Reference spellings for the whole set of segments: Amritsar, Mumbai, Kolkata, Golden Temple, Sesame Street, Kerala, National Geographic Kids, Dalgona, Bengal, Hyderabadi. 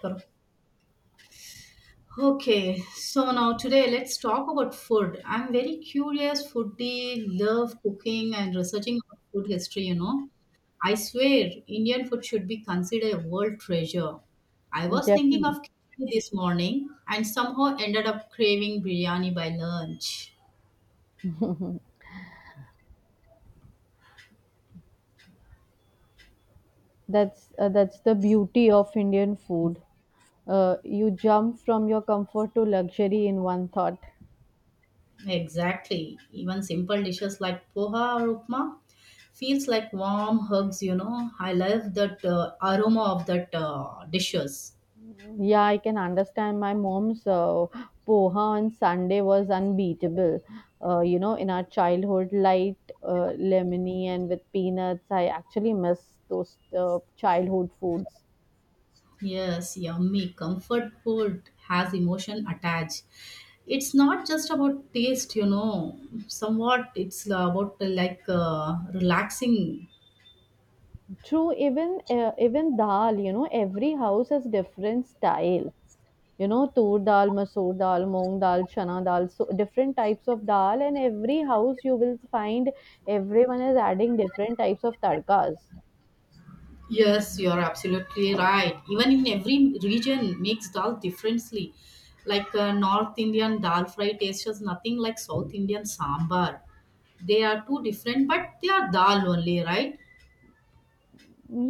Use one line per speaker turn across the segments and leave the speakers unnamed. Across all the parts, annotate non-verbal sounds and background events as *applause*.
करो Okay, so now today let's talk about food. I'm very curious, foodie, love cooking and researching about food history. I swear, Indian food should be considered a world treasure. I was thinking of
Definitely.
khichdi this morning and somehow ended up craving biryani by lunch.
That's the beauty of Indian food. You jump from your comfort to luxury in one thought.
Exactly. Even simple dishes like poha or upma feels like warm hugs. I love that aroma of that dishes.
Yeah, I can understand. My mom's poha on Sunday was unbeatable. You know, in our childhood, light, lemony, and with peanuts. I actually miss those childhood foods.
Yes, yummy. Comfort food has emotion attached. It's not just about taste. Somewhat, it's about like relaxing.
True, even dal. You know, every house has different style. Tur dal, masoor dal, moong dal, chana dal, so different types of dal, and every house you will find everyone is adding different types of tadkas.
Yes, you're absolutely right. Even in every region, makes dal differently. Like North Indian dal fry tastes just nothing like South Indian sambar. They are two different, but they are dal only, right?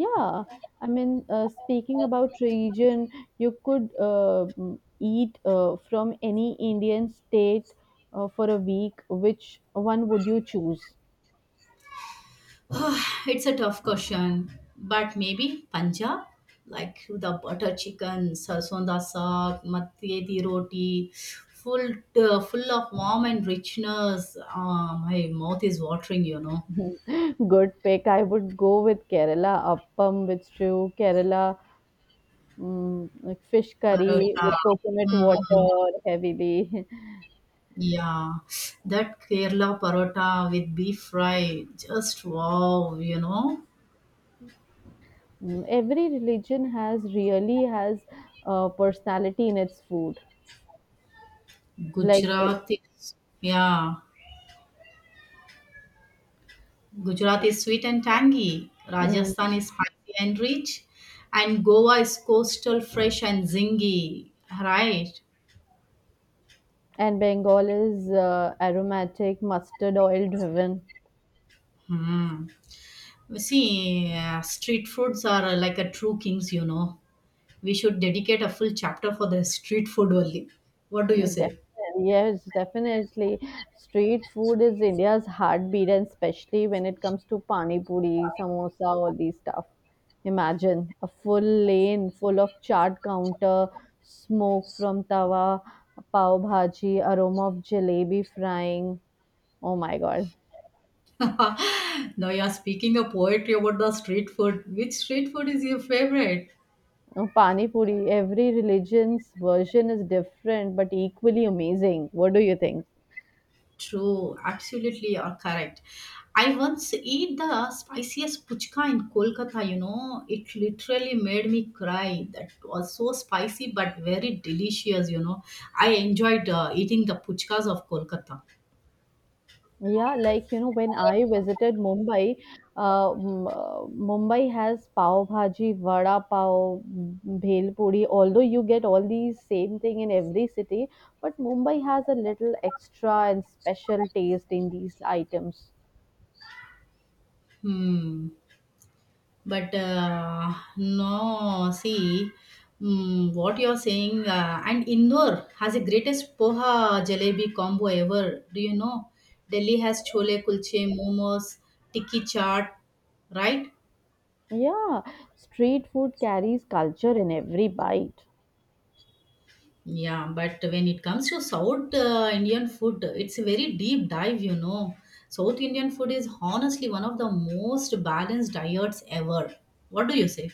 Yeah, I mean, speaking about region, you could eat from any Indian state for a week, which one would you choose?
It's a tough question, but maybe Punjab, like the butter chicken, sarson da saag, matye di roti, full full of warm and richness. Ah, my mouth is watering.
*laughs* Good pick. I would go with Kerala appam with stew. Kerala. Mm, like fish curry
Parota.
with coconut
Mm,
water heavily. *laughs*
yeah, that Kerala parota with beef fry, just wow.
Mm, every religion has really has a personality in its food. Like,
Gujarati, yeah. Gujarat is sweet and tangy,
mm,
Rajasthan is spicy and rich, and Goa is coastal, fresh, and zingy. Right.
and Bengal is aromatic, mustard oil driven.
You see, street foods are like a true kings. We should dedicate a full chapter for the street food only. What do you say?
Definitely, yes, definitely. Street food is India's heartbeat, and especially when it comes to pani puri, samosa, all these stuff. Imagine a full lane full of chaat counter, smoke from tawa, pav bhaji, aroma of jalebi frying. Oh my god.
*laughs* Now you are speaking a poetry about the street food. Which street food is your favorite?
Oh, pani puri, every religion's version is different but equally amazing. What do you think?
True, absolutely, you're correct. I once ate the spiciest puchka in Kolkata, it literally made me cry. That was so spicy but very delicious. I enjoyed eating the puchkas of Kolkata.
Yeah, like, when I visited Mumbai, Mumbai has pav bhaji, vada pav, bhel puri. Although you get all these same thing in every city, but Mumbai has a little extra and special taste in these items.
Hmm. But no, see, what you're saying, and Indore has the greatest poha jalebi combo ever. Do you know? Delhi has chole kulche, momos, tikki chaat, right?
Yeah, street food carries culture in every bite.
Yeah, but when it comes to South Indian food, it's a very deep dive. South Indian food is honestly one of the most balanced diets ever. What do you say?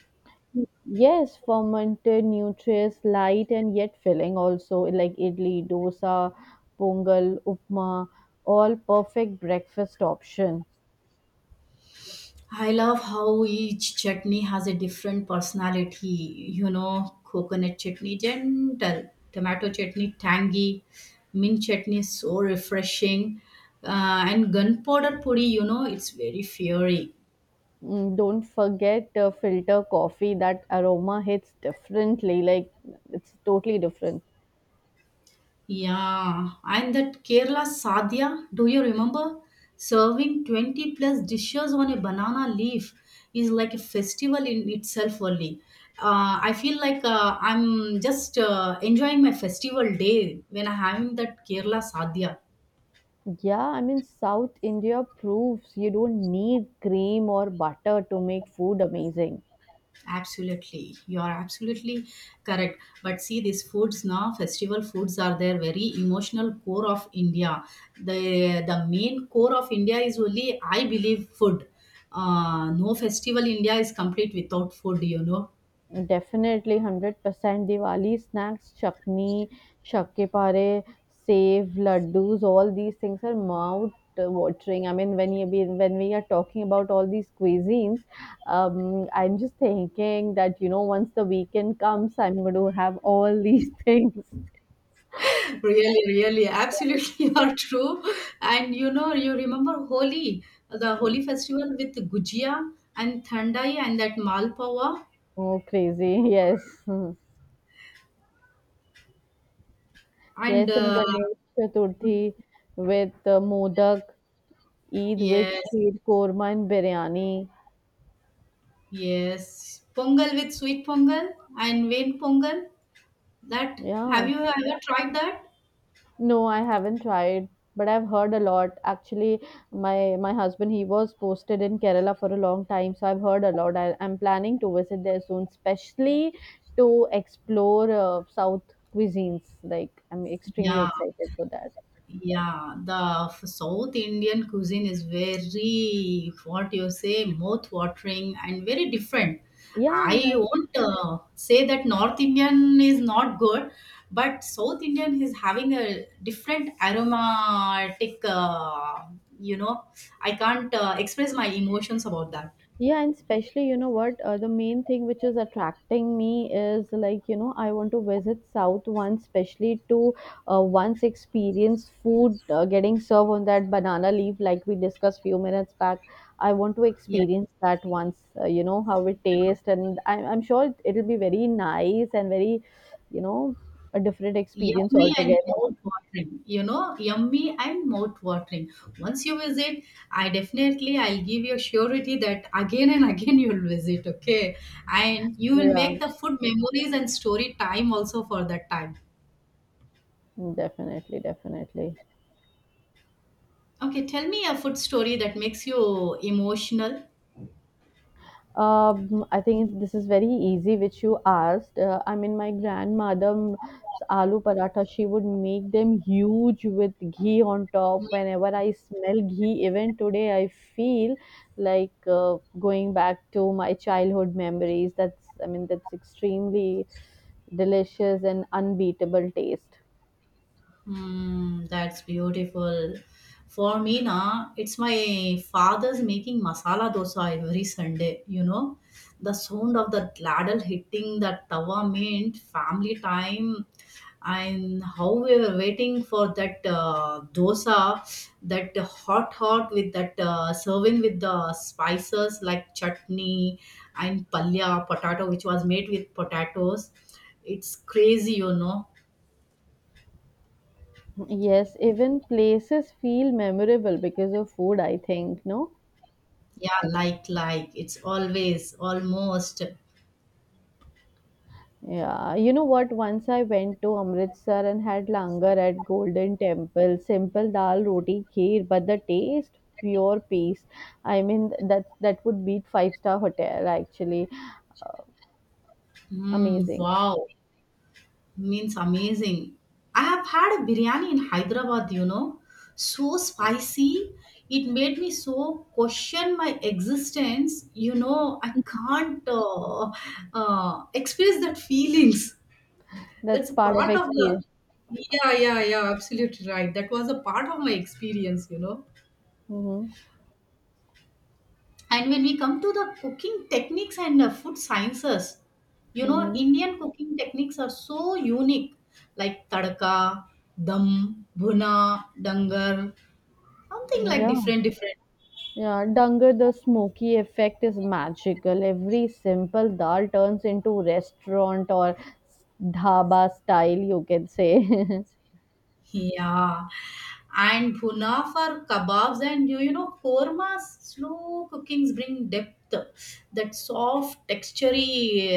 Yes, fermented, nutritious, light, and yet filling. Also, like idli, dosa, pongal, upma, all perfect breakfast option.
I love how each chutney has a different personality. Coconut chutney, gentle, tomato chutney, tangy, mint chutney, so refreshing, and gunpowder puri, it's very fiery.
Mm, don't forget filter coffee. That aroma hits differently. Like it's totally different.
Yeah, and that Kerala sadhya, do you remember? Serving 20 plus dishes on a banana leaf is like a festival in itself only. I feel like I'm just enjoying my festival day when I'm having that Kerala sadhya.
Yeah, I mean South India proves you don't need cream or butter to make food amazing.
Absolutely, you are absolutely correct. But see, these foods now, festival foods are their very emotional core of India. The main core of India is only, I believe, food. No festival India is complete without food.
Definitely, 100% Diwali snacks, chutney, shakke pare, sev, laddus, all these things are mouth watering. I mean, when we are talking about all these cuisines, I'm just thinking that once the weekend comes, I'm going to have all *laughs* these things.
*laughs* Really, really, absolutely, *laughs* you are true. And you remember Holi, the Holi festival with gujia and thandai and that malpawa
Oh, crazy! Yes. Hmm.
and
Yes, and Ganesh Chaturthi with modak, Eid with
yes,
sheer korma and biryani.
yes, pongal with sweet pongal and vein pongal. That, have
Yeah.
you ever tried that?
No, I haven't tried, but I've heard a lot. Actually, my husband he was posted in Kerala for a long time, so I've heard a lot. I'm planning to visit there soon, especially to explore South cuisines. Like I'm extremely
Yeah,
excited for that.
yeah. The South Indian cuisine is very, what you say, mouth-watering and very different.
Yeah, and
I
I.
won't say that North Indian is not good, but South Indian is having a different aromatic. You know, I can't express my emotions about that.
Yeah, and especially, you know what, the main thing which is attracting me is like, I want to visit South once, especially to once experience food getting served on that banana leaf, like we discussed few minutes back. I want to
Yeah.
experience that once, how it tastes. And I'm sure it'll be very nice and very, you know, a different experience
Yummy and
altogether.
mouth watering, yummy and mouth watering. Once you visit, I'll give you a surety that again and *laughs* again you'll visit, okay? And you will
Yeah,
make the food memories and story time also for that time.
definitely, definitely.
Okay, tell me a food story that makes you emotional.
I think this is very easy, which you asked. I mean, my grandmother's aloo paratha, she would make them huge with ghee on top. Whenever I smell ghee, even today, I feel like going back to my childhood memories. That's, I mean, that's extremely delicious and unbeatable taste.
Mm, that's beautiful. For me, na, it's my father's making masala dosa every Sunday. The sound of the ladle hitting the tawa meant family time, and how we were waiting for that dosa, that hot hot with that serving with the spices like chutney and palya potato, which was made with potatoes. It's crazy.
Yes, even places feel memorable because of food, I think, no?
Yeah, like. It's always, almost.
Yeah, you know what? Once I went to Amritsar and had langar at Golden Temple, simple dal roti kheer, but the taste pure peace. I mean that would beat five-star hotel actually.
Mm,
Amazing.
wow. Means amazing. I have had a biryani in Hyderabad. So spicy. It made me so question my existence. I can't express that feelings.
That's
That's a
part of
part of the.
experience.
Yeah, yeah, yeah. Absolutely right. That was a part of my experience.
Mm-hmm.
And when we come to the cooking techniques and the food sciences,
Mm-hmm.
Indian cooking techniques are so unique, like tadka, dum, bhuna, dangar, something like
Yeah.
different, different.
Yeah, Dangar, the smoky effect is magical. Every simple dal turns into restaurant or dhaba style, you can say. *laughs*
Yeah, and bhuna for kebabs and kormas, slow cookings bring depth, that soft, textury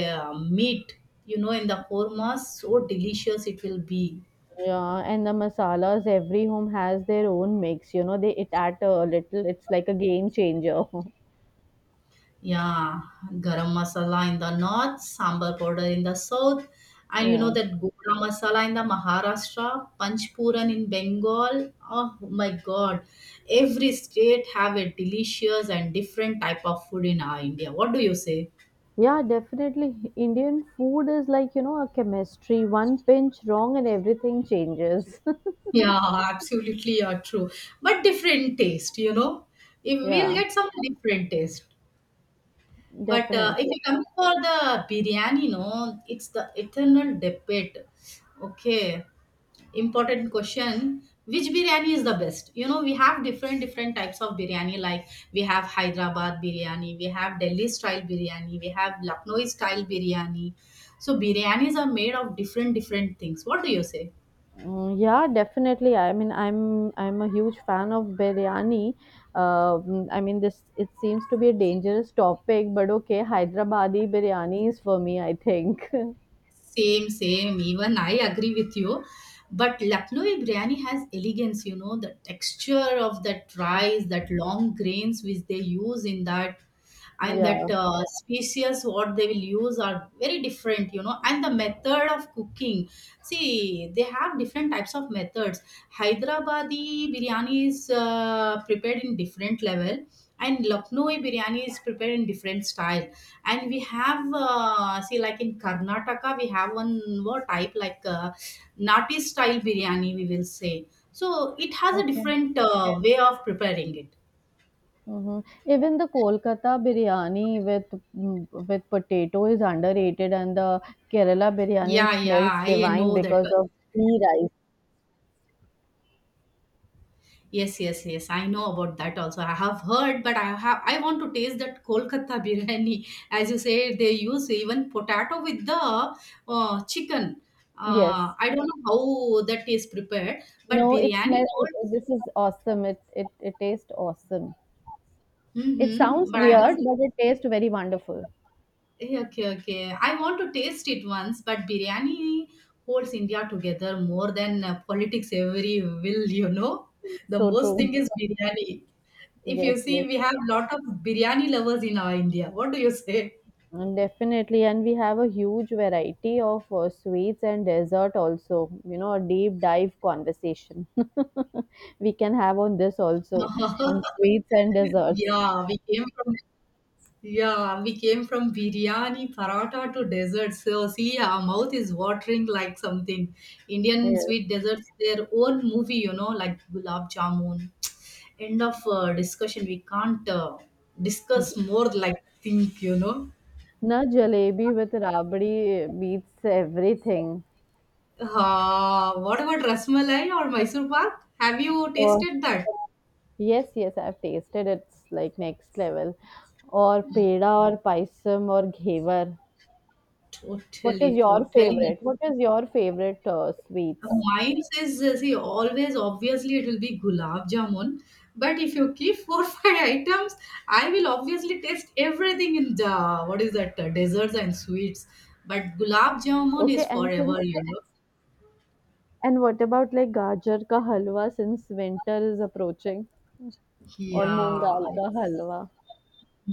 meat, in the kormas, so delicious it will be.
Yeah, and the masalas, every home has their own mix. You know, they it add a little. It's like a game changer. *laughs*
Yeah, garam masala in the north, sambar powder in the south, and
Yeah.
that gora masala in the Maharashtra, Panchpuran in Bengal. Oh my God, every state have a delicious and different type of food in our India. What do you say?
Yeah, definitely. Indian food is like, a chemistry. One pinch wrong and everything changes. *laughs*
Yeah, absolutely, yeah, true. But different taste. If we'll
Yeah,
get some different taste. But if
definitely.
you come for the biryani, no, it's the eternal debate. Okay, important question, which biryani is the best? We have different, different types of biryani. Like we have Hyderabad biryani, we have Delhi style biryani, we have Lucknow style biryani. So biryanis are made of different, different things. What do you say?
Mm, yeah, definitely. I mean, I'm a huge fan of biryani. I mean, this it seems to be a dangerous topic, but okay, Hyderabadi biryani is for me, I think. *laughs*
Same, same. Even I agree with you. But Lucknow biryani has elegance. The texture of that rice, that long grains which they use in that, and that
Yeah.
species what they will use are very different. And the method of cooking, see, they have different types of methods. Hyderabadi biryani is prepared in different level, and Lucknowi biryani is prepared in different style. And we have see, like in Karnataka we have one more type, like nati style biryani we will say. So it has a
Okay.
different way of preparing it.
Mhm. Even the Kolkata biryani with potato is underrated, and the Kerala biryani
Yeah,
smells
yeah, I
divine
know that.
because of ghee rice.
Yes, yes, yes. I know about that also. I have heard, but I want to taste that Kolkata *laughs* biryani. As you say, they use even potato with the chicken. Uh,
Yes.
I don't know how that is prepared, but
No, it
biryani.
smells. This is awesome. It tastes awesome. It
Mm-hmm,
sounds
but I want.
weird, but it tastes very wonderful.
Okay, okay. I want to taste it once, but biryani holds India together more than politics every will. The
So
most
true.
thing is biryani. If you
Yes,
see,
yes.
we have lot of biryani lovers in our India. What do you say?
Mm, definitely, and we have a huge variety of sweets and dessert also. You know, a deep dive conversation *laughs* we can have on this also on sweets and desserts.
Yeah, we came from biryani, paratha to dessert. So see, our mouth is watering like something. Indian
Yeah.
sweet desserts, their own movie, like gulab jamun. End of discussion. We can't discuss more like think.
Na jalebi with rabdi beats everything.
What about rasmalai or Mysore pak? Have you
Or
tasted that?
yes, yes, I've tasted it's like next level. Or peda or paisam or ghevar. What is
Totally,
your
totally.
favorite? What is your favorite sweets?
Mine is see always obviously it will be gulab jamun, but if you keep four *laughs* five items, I will obviously taste everything in the what is that desserts and sweets. But gulab jamun is
Okay, and
forever,
since
you know.
And what about like gajar ka halwa since winter is approaching or moong dal
Yeah,
ka halwa?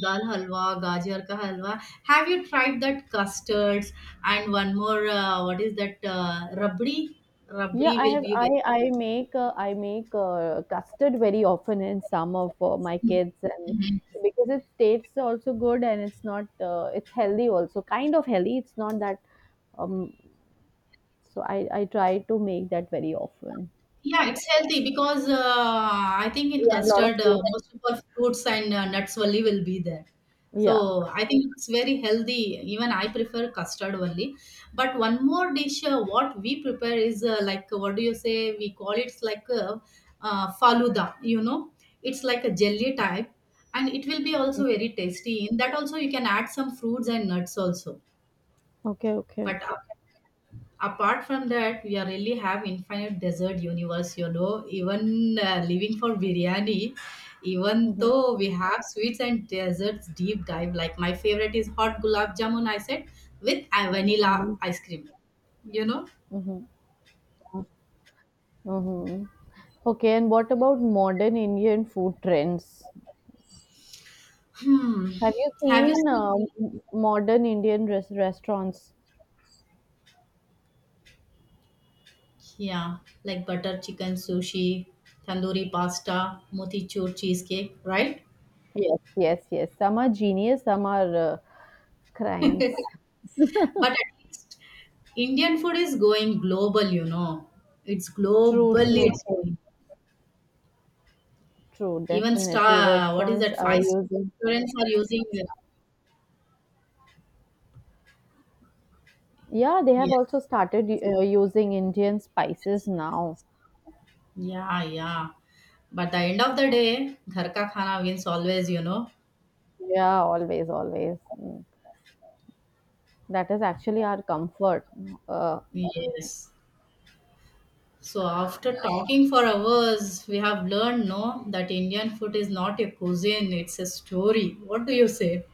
dal halwa, gajar ka halwa. Have you tried that custards and one more? What is that rabdi?
Yeah,
Rabdi
I
will
have
be very.
I make I make custard very often in summer for my kids, and because it tastes also good, and it's not it's healthy also, kind of healthy, it's not that, um so I try to make that very often.
Yeah, it's healthy because I think in
Yeah, a lot of
custard
fruits.
most of our fruits and nuts only will be there.
Yeah.
So I think it's very healthy. Even I prefer custard only. But one more dish, what we prepare is like what do you say? We call it like faluda. It's like a jelly type, and it will be also very tasty. In that also you can add some fruits and nuts also.
Okay. Okay.
But apart from that we are really have infinite desert universe, even living for biryani, even
Mm-hmm.
though we have sweets and desserts deep dive, like my favorite is hot gulab jamun I said with vanilla
Mm-hmm.
ice cream you know
Mm-hmm. Mm-hmm. Okay, and what about modern Indian food trends?
hmm,
Have you
have you
seen
seen?
um, modern Indian restaurants?
Yeah, like butter chicken sushi, tandoori pasta, motichur cheesecake, right?
Yes, yes, yes. Some are genius, some are crimes.
But at least Indian food is going global. It's
True, true,
globally, it's
true,
going.
true.
Even
Definitely,
star, what is
restaurants
that?
are
Five
using.
students are using.
Yeah, they have
Yes.
also started using Indian spices now.
Yeah, yeah. But the end of the day, ghar ka khana wins always.
Yeah, always, always. Mm. That is actually our comfort. Uh,
Yes. So after talking for hours, we have learned no that Indian food is not a cuisine, it's a story. What do you say?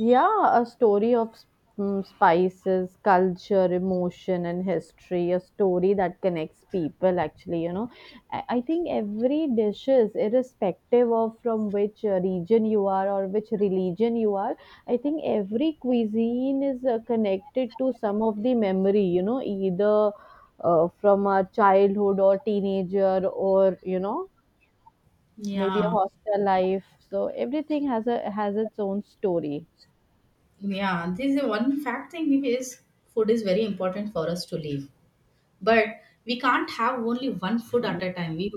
Yeah, a story of spices, culture, emotion, and history. A story that connects people, actually. I think every dishes, irrespective of from which region you are or which religion you are, I think every cuisine is connected to some of the memory, either from our childhood or teenager or, maybe a
Yeah.
hostel life. So everything has its own story.
Yeah. This is one fact thing is food is very important for us to live. But we can't have only one food at a time. we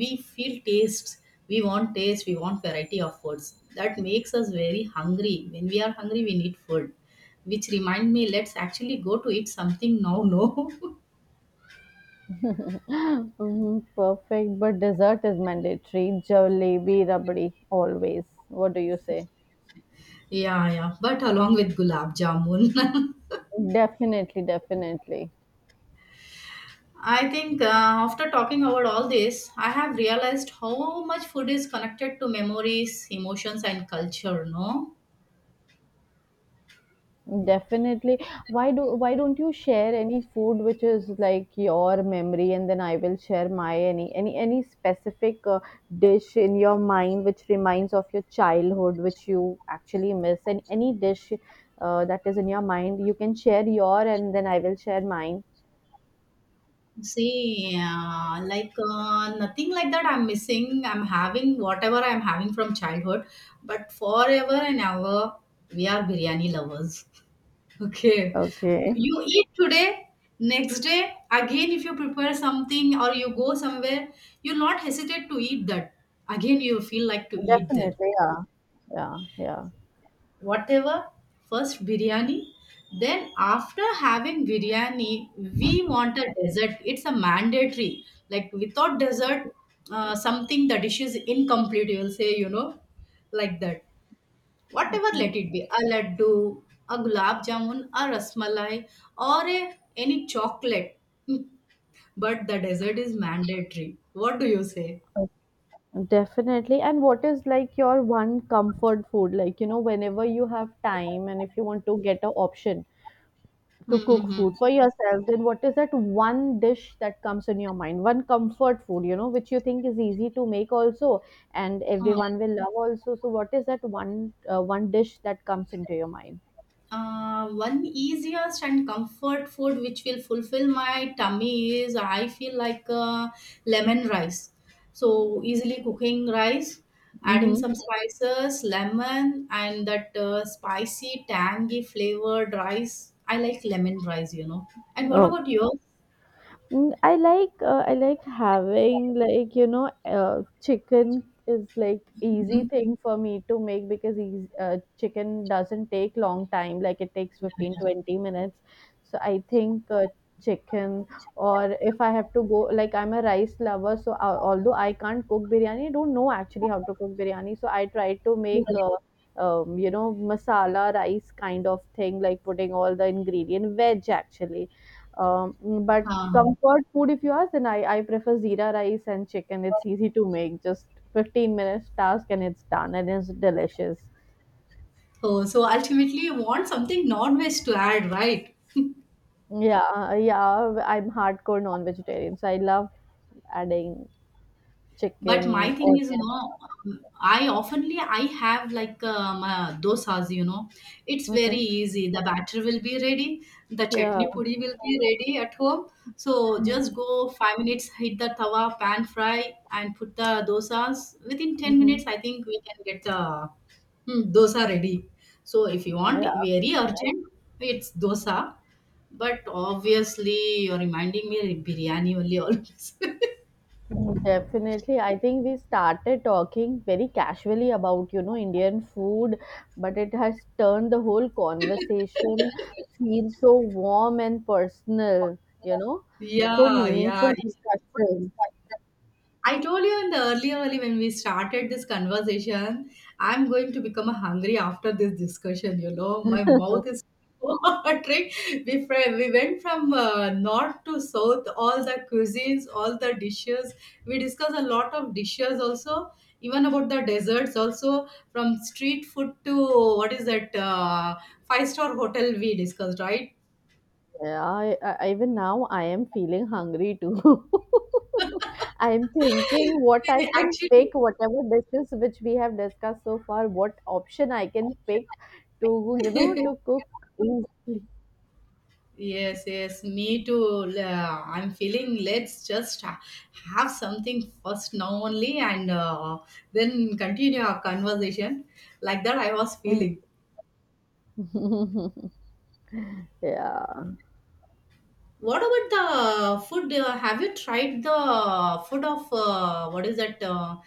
we feel tastes, we want taste, we want variety of foods that makes us very hungry. When we are hungry we need food, which remind me, let's actually go to eat something now, no?
*laughs* Mhm. Perfect, but dessert is mandatory. Jalebi, rabdi, always. What do you say?
*laughs* Yeah, yeah, but along with gulab jamun. *laughs*
Definitely, definitely,
I think after talking about all this, I have realized how much food is connected to memories, emotions, and culture. No,
definitely. Why don't you share any food which is like your memory, and then I will share my any specific dish in your mind which reminds of your childhood, which you actually miss, and any dish that is in your mind, you can share your, and then I will share mine.
see, like nothing like that I'm missing. I'm having whatever I'm having from childhood, but forever and ever, we are biryani lovers. *laughs* Okay.
Okay.
You eat today, next day, again, if you prepare something or you go somewhere, you'll not hesitate to eat that. Again, you feel like to eat there
Definitely, yeah. Yeah, yeah.
whatever. First biryani, then after having biryani we want a dessert, it's a mandatory. Like without dessert, something, the dish is incomplete, you will say, like that. Whatever,
Okay.
let it be a laddu, a gulab jamun, a rasmalai, or any chocolate. *laughs* But the dessert is mandatory, what do you say?
Oh. Definitely. And what is like your one comfort food? Like, whenever you have time and if you want to get a option to cook
Mm-hmm.
food for yourself, then what is that one dish that comes in your mind? One comfort food, which you think is easy to make also and everyone will love also. So what is that one dish that comes into your mind?
One easiest and comfort food which will fulfill my tummy is, I feel like, lemon rice. So easily cooking rice, adding
Mm-hmm.
some spices, lemon, and that spicy, tangy flavored rice. I like lemon rice, you know. And what about yours?
Mm, I like having like chicken is like easy thing for me to make because eas chicken doesn't take long time like it takes fifteen
*laughs*
twenty minutes so I think chicken, or if I have to go, like I'm a rice lover, so although I can't cook biryani, I don't know actually how to cook biryani, so I try to make masala rice kind of thing, like putting all the ingredient veg actually, um, but.
Uh,
Comfort food, if you ask, then I prefer zira rice and chicken. It's easy to make, just 15 minutes task and it's done and it's delicious.
oh, so ultimately, you want something non-veg to add, right?
Yeah, yeah, I'm hardcore non vegetarian, so I love adding
But
chicken
my thing
or.
is, you know, I oftenly I have like dosas, you know, it's very
Okay,
easy. The batter will be ready, the
yeah,
chutney puri will be ready at home, so
hmm,
just go 5 minutes, hit the tawa pan fry and put the dosas within 10
hmm,
minutes, I think we can get the, hmm, dosa ready. So if you want
yeah.
very urgent, it's dosa. But obviously you're reminding me biryani only always. *laughs*
Definitely. I think we started talking very casually about, Indian food, but it has turned the whole conversation feel so warm and personal, so
Yeah, yeah.
meaningful discussion.
I told you in the earlier early when we started this conversation, I'm going to become hungry after this discussion. You know, my mouth is *laughs* watering. We went from north to south, all the cuisines, all the dishes. We discussed a lot of dishes also, even about the desserts also, from street food to what is that, five-star hotel, we discussed, right?
Yeah, even now I am feeling hungry too. *laughs* I am thinking what
*laughs*
I
We
can pick,
actually.
whatever dishes which we have discussed so far, what option I can pick to cook easily.
Yes, yes, me too. I'm feeling, let's just have something first now only, and then continue our conversation. Like that, I was
Mm.
feeling.
*laughs* Yeah.
What about the food? Have you tried the food of, what is that? Uh,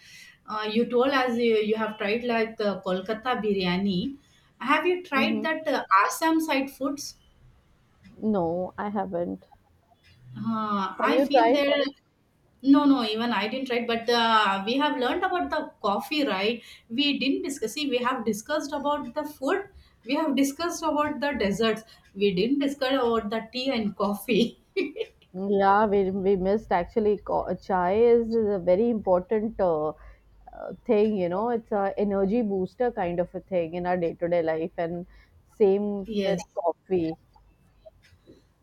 uh, You told us you have tried like the Kolkata biryani. Have you tried
Hmm.
that Assam side foods?
No, I haven't. Have
I
you
feel
tried?
there. No, no, even I didn't write, but we have learned about the coffee, right? We didn't discuss. See, we have discussed about the food, we have discussed about the desserts, we didn't discuss about the tea and coffee.
Yeah, we missed actually. Chai is a very important thing, it's a energy booster kind of a thing in our day to day life, and same with
*laughs* Yes.
coffee.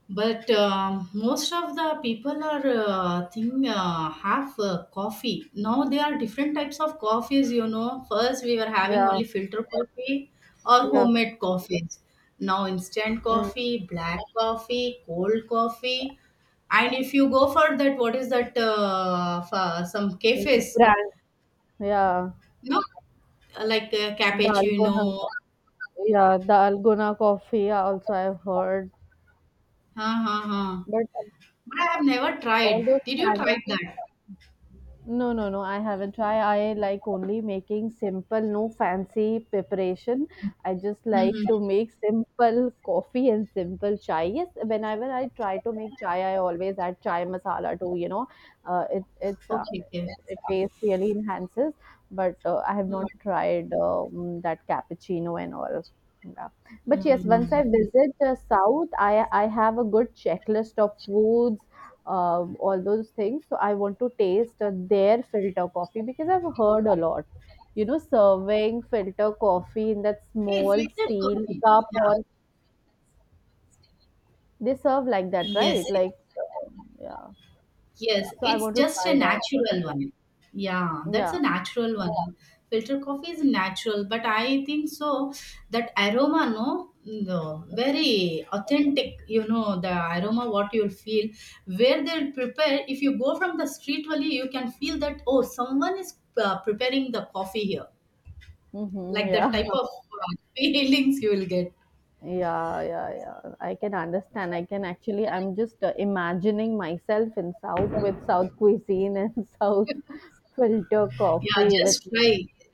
But most of the people are, think, have, coffee. Now there are different types of coffees. You know, first we were having
Yeah,
only filter coffee or
yeah,
homemade coffees. Now instant
yeah.
coffee, black coffee, cold coffee, and if you go for that, what is that? For some cafes,
Brand. Yeah,
you know, like,
Dalgona.
cappuccino.
Yeah, Dalgona coffee. Also, I've heard,
Huh, huh, huh.
but
But I have never
all
tried. Did you
those.
try that?
No, no, no. I haven't tried. I like only making simple, no fancy preparation. I just like to
Mm-hmm.
make simple coffee and simple chai. Yes, whenever I try to make chai, I always add chai masala too. You know, uh, it it's uh,
Okay, okay.
it taste really enhances. But I have
Hmm.
not tried that cappuccino and all. Yeah. But yes, once I
Mm.
visit South, I have a good checklist of foods all those things. So I want to taste their filter coffee because I've heard a lot. You know, serving filter coffee in that
Hey,
small
filtered
steel
coffee. Yeah.
cup, or they serve like that,
Yes,
right?
yes.
Like, yeah.
Yes,
So I
it's
want to
just a
try that.
natural one. Yeah, that's
Yeah.
a natural one. Filter coffee is natural, but I think so that aroma, no, no, very authentic, you know, the aroma what you'll feel where they'll prepare. If you go from the street only, you can feel that, oh, someone is, preparing the coffee here.
Mm-hmm,
Like that
yeah.
type of,
*laughs*
*laughs* feelings you will get.
Yeah, yeah, yeah, I can understand. I can actually, I'm just imagining myself in South with South cuisine and *laughs* South filter
Yeah,
coffee with
just try.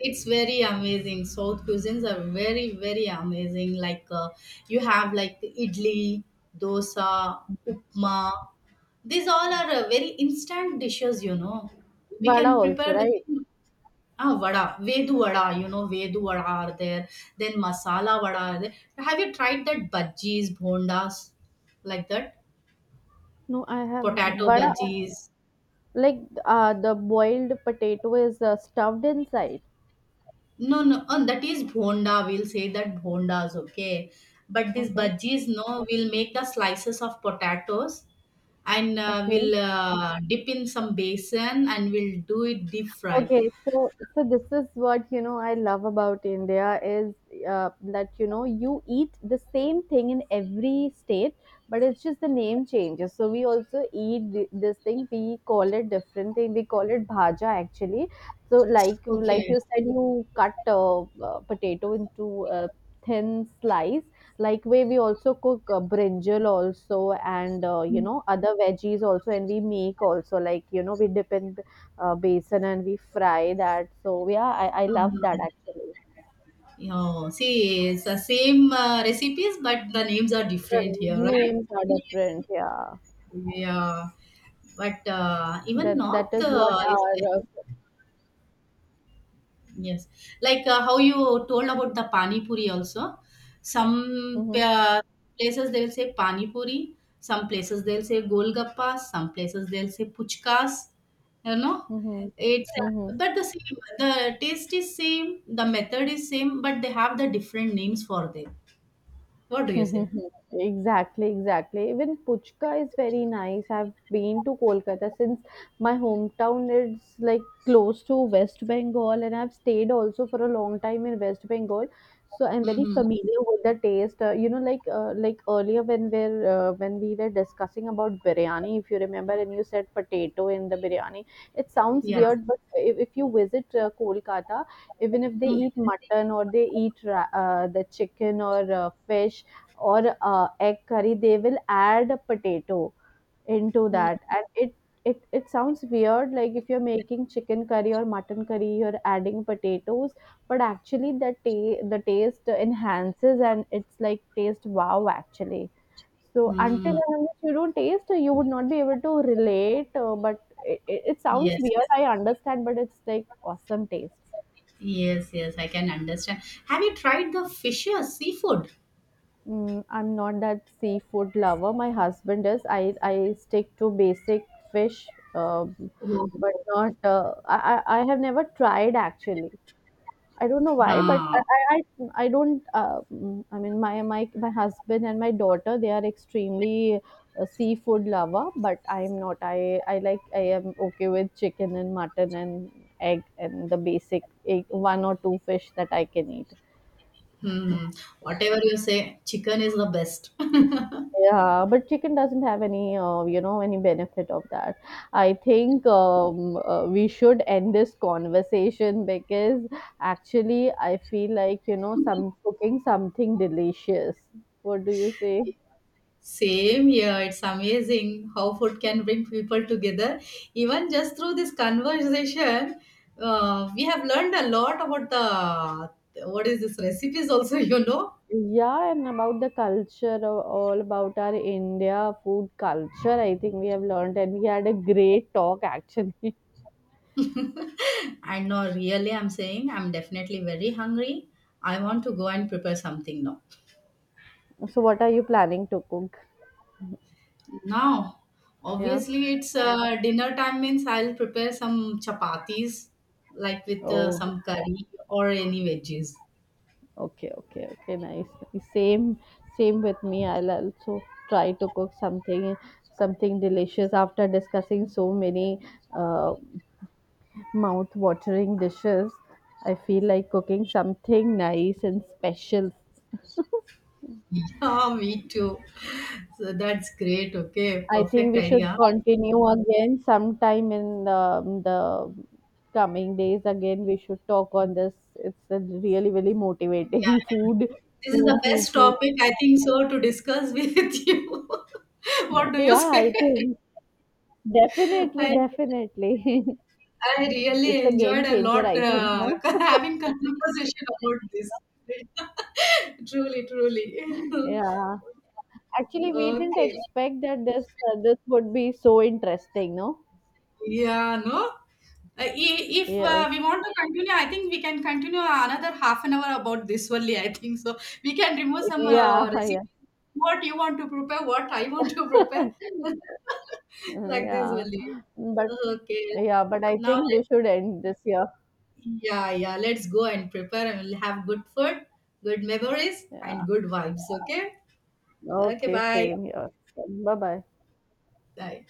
It's very amazing. South cuisines are very, very amazing. Like, you have like idli, dosa, upma. These all are, very instant dishes, you know. We
vada
can
also,
prepare
right?
within, ah, vada, vedu vada, you know, vedu vada are there. Then masala vada are there. Have you tried that bhajis, bhondas, like that?
No, I have
Potato
vada.
bhajis.
Like, the boiled potato is stuffed inside.
No, no, that is bhonda. We'll say that bhondas, okay. But these
Okay.
bhajis, no, we'll make the slices of potatoes and,
Okay.
we'll, dip in some basin and we'll do it deep fry.
Okay, so this is what I love about India is that you eat the same thing in every state, but it's just the name changes. So we also eat this thing. We call it different thing. We call it bhaja actually. So like
Okay.
you said, you cut potato into a thin slice. Like way we also cook brinjal also, and other veggies also, and we make also like we dip in basin and we fry that. So yeah, I love that actually.
Oh, see, it's the same recipes, but the names are
The
different here, right?
names are different. Yeah,
Yeah. But even
that that
North,
is what
is.
our.
Yes. Like, how you told about the pani puri also. Some,
Mm-hmm,
places they'll say pani puri, some places they'll say golgappas, some places they'll say puchkas. You know,
mm-hmm,
it's,
mm-hmm.
but the same. The taste is same, the method is same, but they have the different names for them. What do you say?
*laughs* Exactly, exactly. Even Puchka is very nice. I've been to Kolkata since my hometown is like close to West Bengal, and I've stayed also for a long time in West Bengal. So I'm very
Mm-hmm.
familiar with the taste. Like earlier when we're when we were discussing about biryani, if you remember, and you said potato in the biryani. It sounds
Yeah.
weird, but if you visit Kolkata, even if they
Mm-hmm.
eat mutton or they eat the chicken or fish or egg curry, they will add potato into that, and it sounds weird, like if you're making chicken curry or mutton curry you're adding potatoes, but actually the the taste enhances and it's like taste wow actually. So until
Mm-hmm.
and unless you don't taste you would not be able to relate, but it sounds
Yes.
weird, I understand, but it's like awesome taste.
Yes. Yes. I can understand. Have you tried the fishes, seafood?
Mm, I'm not that seafood lover. My husband is. I stick to basic fish,
Oh.
but not. I have never tried actually. I don't know why, but
Huh.
I, I don't. I mean, my husband and my daughter, they are extremely seafood lover, but I'm not. I am okay with chicken and mutton and egg and the basic egg, one or two fish that I can eat.
Hmm. Whatever you say, chicken is the best.
Yeah, but chicken doesn't have any, any benefit of that. I think we should end this conversation because actually I feel like, you know, some cooking something delicious. What do you say?
*laughs* Same here. It's amazing how food can bring people together. Even just through this conversation, we have learned a lot about the what is this recipes also, *laughs* you know.
Yeah, and about the culture, all about our India food culture, I think we have learned and we had a great talk actually. *laughs*
I know. Really, I'm saying I'm definitely very hungry. I want to go and prepare something now.
So what are you planning to cook?
Now,
Yeah.
obviously, it's dinner time means I'll prepare some chapatis, like with
Oh.
some curry or any veggies. *laughs*
Okay, okay, okay, nice. Nice. Same, same with me. I'll also try to cook something, something delicious. After discussing so many uh, mouth-watering dishes, I feel like cooking something nice and special.
Yeah, me too. So that's great. Okay,
I think
perfect
we should
idea.
continue again sometime in the coming days. Again, we should talk on this. It's a really, really
Yeah,
motivating *laughs*
yeah.
food,
This is
food,
the
food,
best
food.
topic I think so to discuss with *laughs* you. What do you
Yeah,
say?
I think.
*laughs*
Definitely,
I
definitely. *laughs*
I really
It's a game
enjoyed a
changer,
lot,
I think, no?
*laughs* having conversation about this. *laughs* Truly, truly. *laughs*
Yeah. Actually, we didn't
Okay.
expect that this would be so interesting, no?
Yeah, no? If,
Yes.
we want to continue, I think we can continue another 30 minutes about this only. I think so. We can remove some,
Yeah, *laughs*
recipes.
yeah.
What you want to prepare, what I want to prepare, *laughs*
*laughs*
like this
Yeah.
only.
But
Okay.
yeah, but I
Now,
think
let,
we should end this year.
yeah, yeah. Let's go and prepare, and we'll have good food, good memories, and
Yeah.
good vibes. Okay. Okay.
Okay,
Bye.
same here. Bye-bye.
Bye.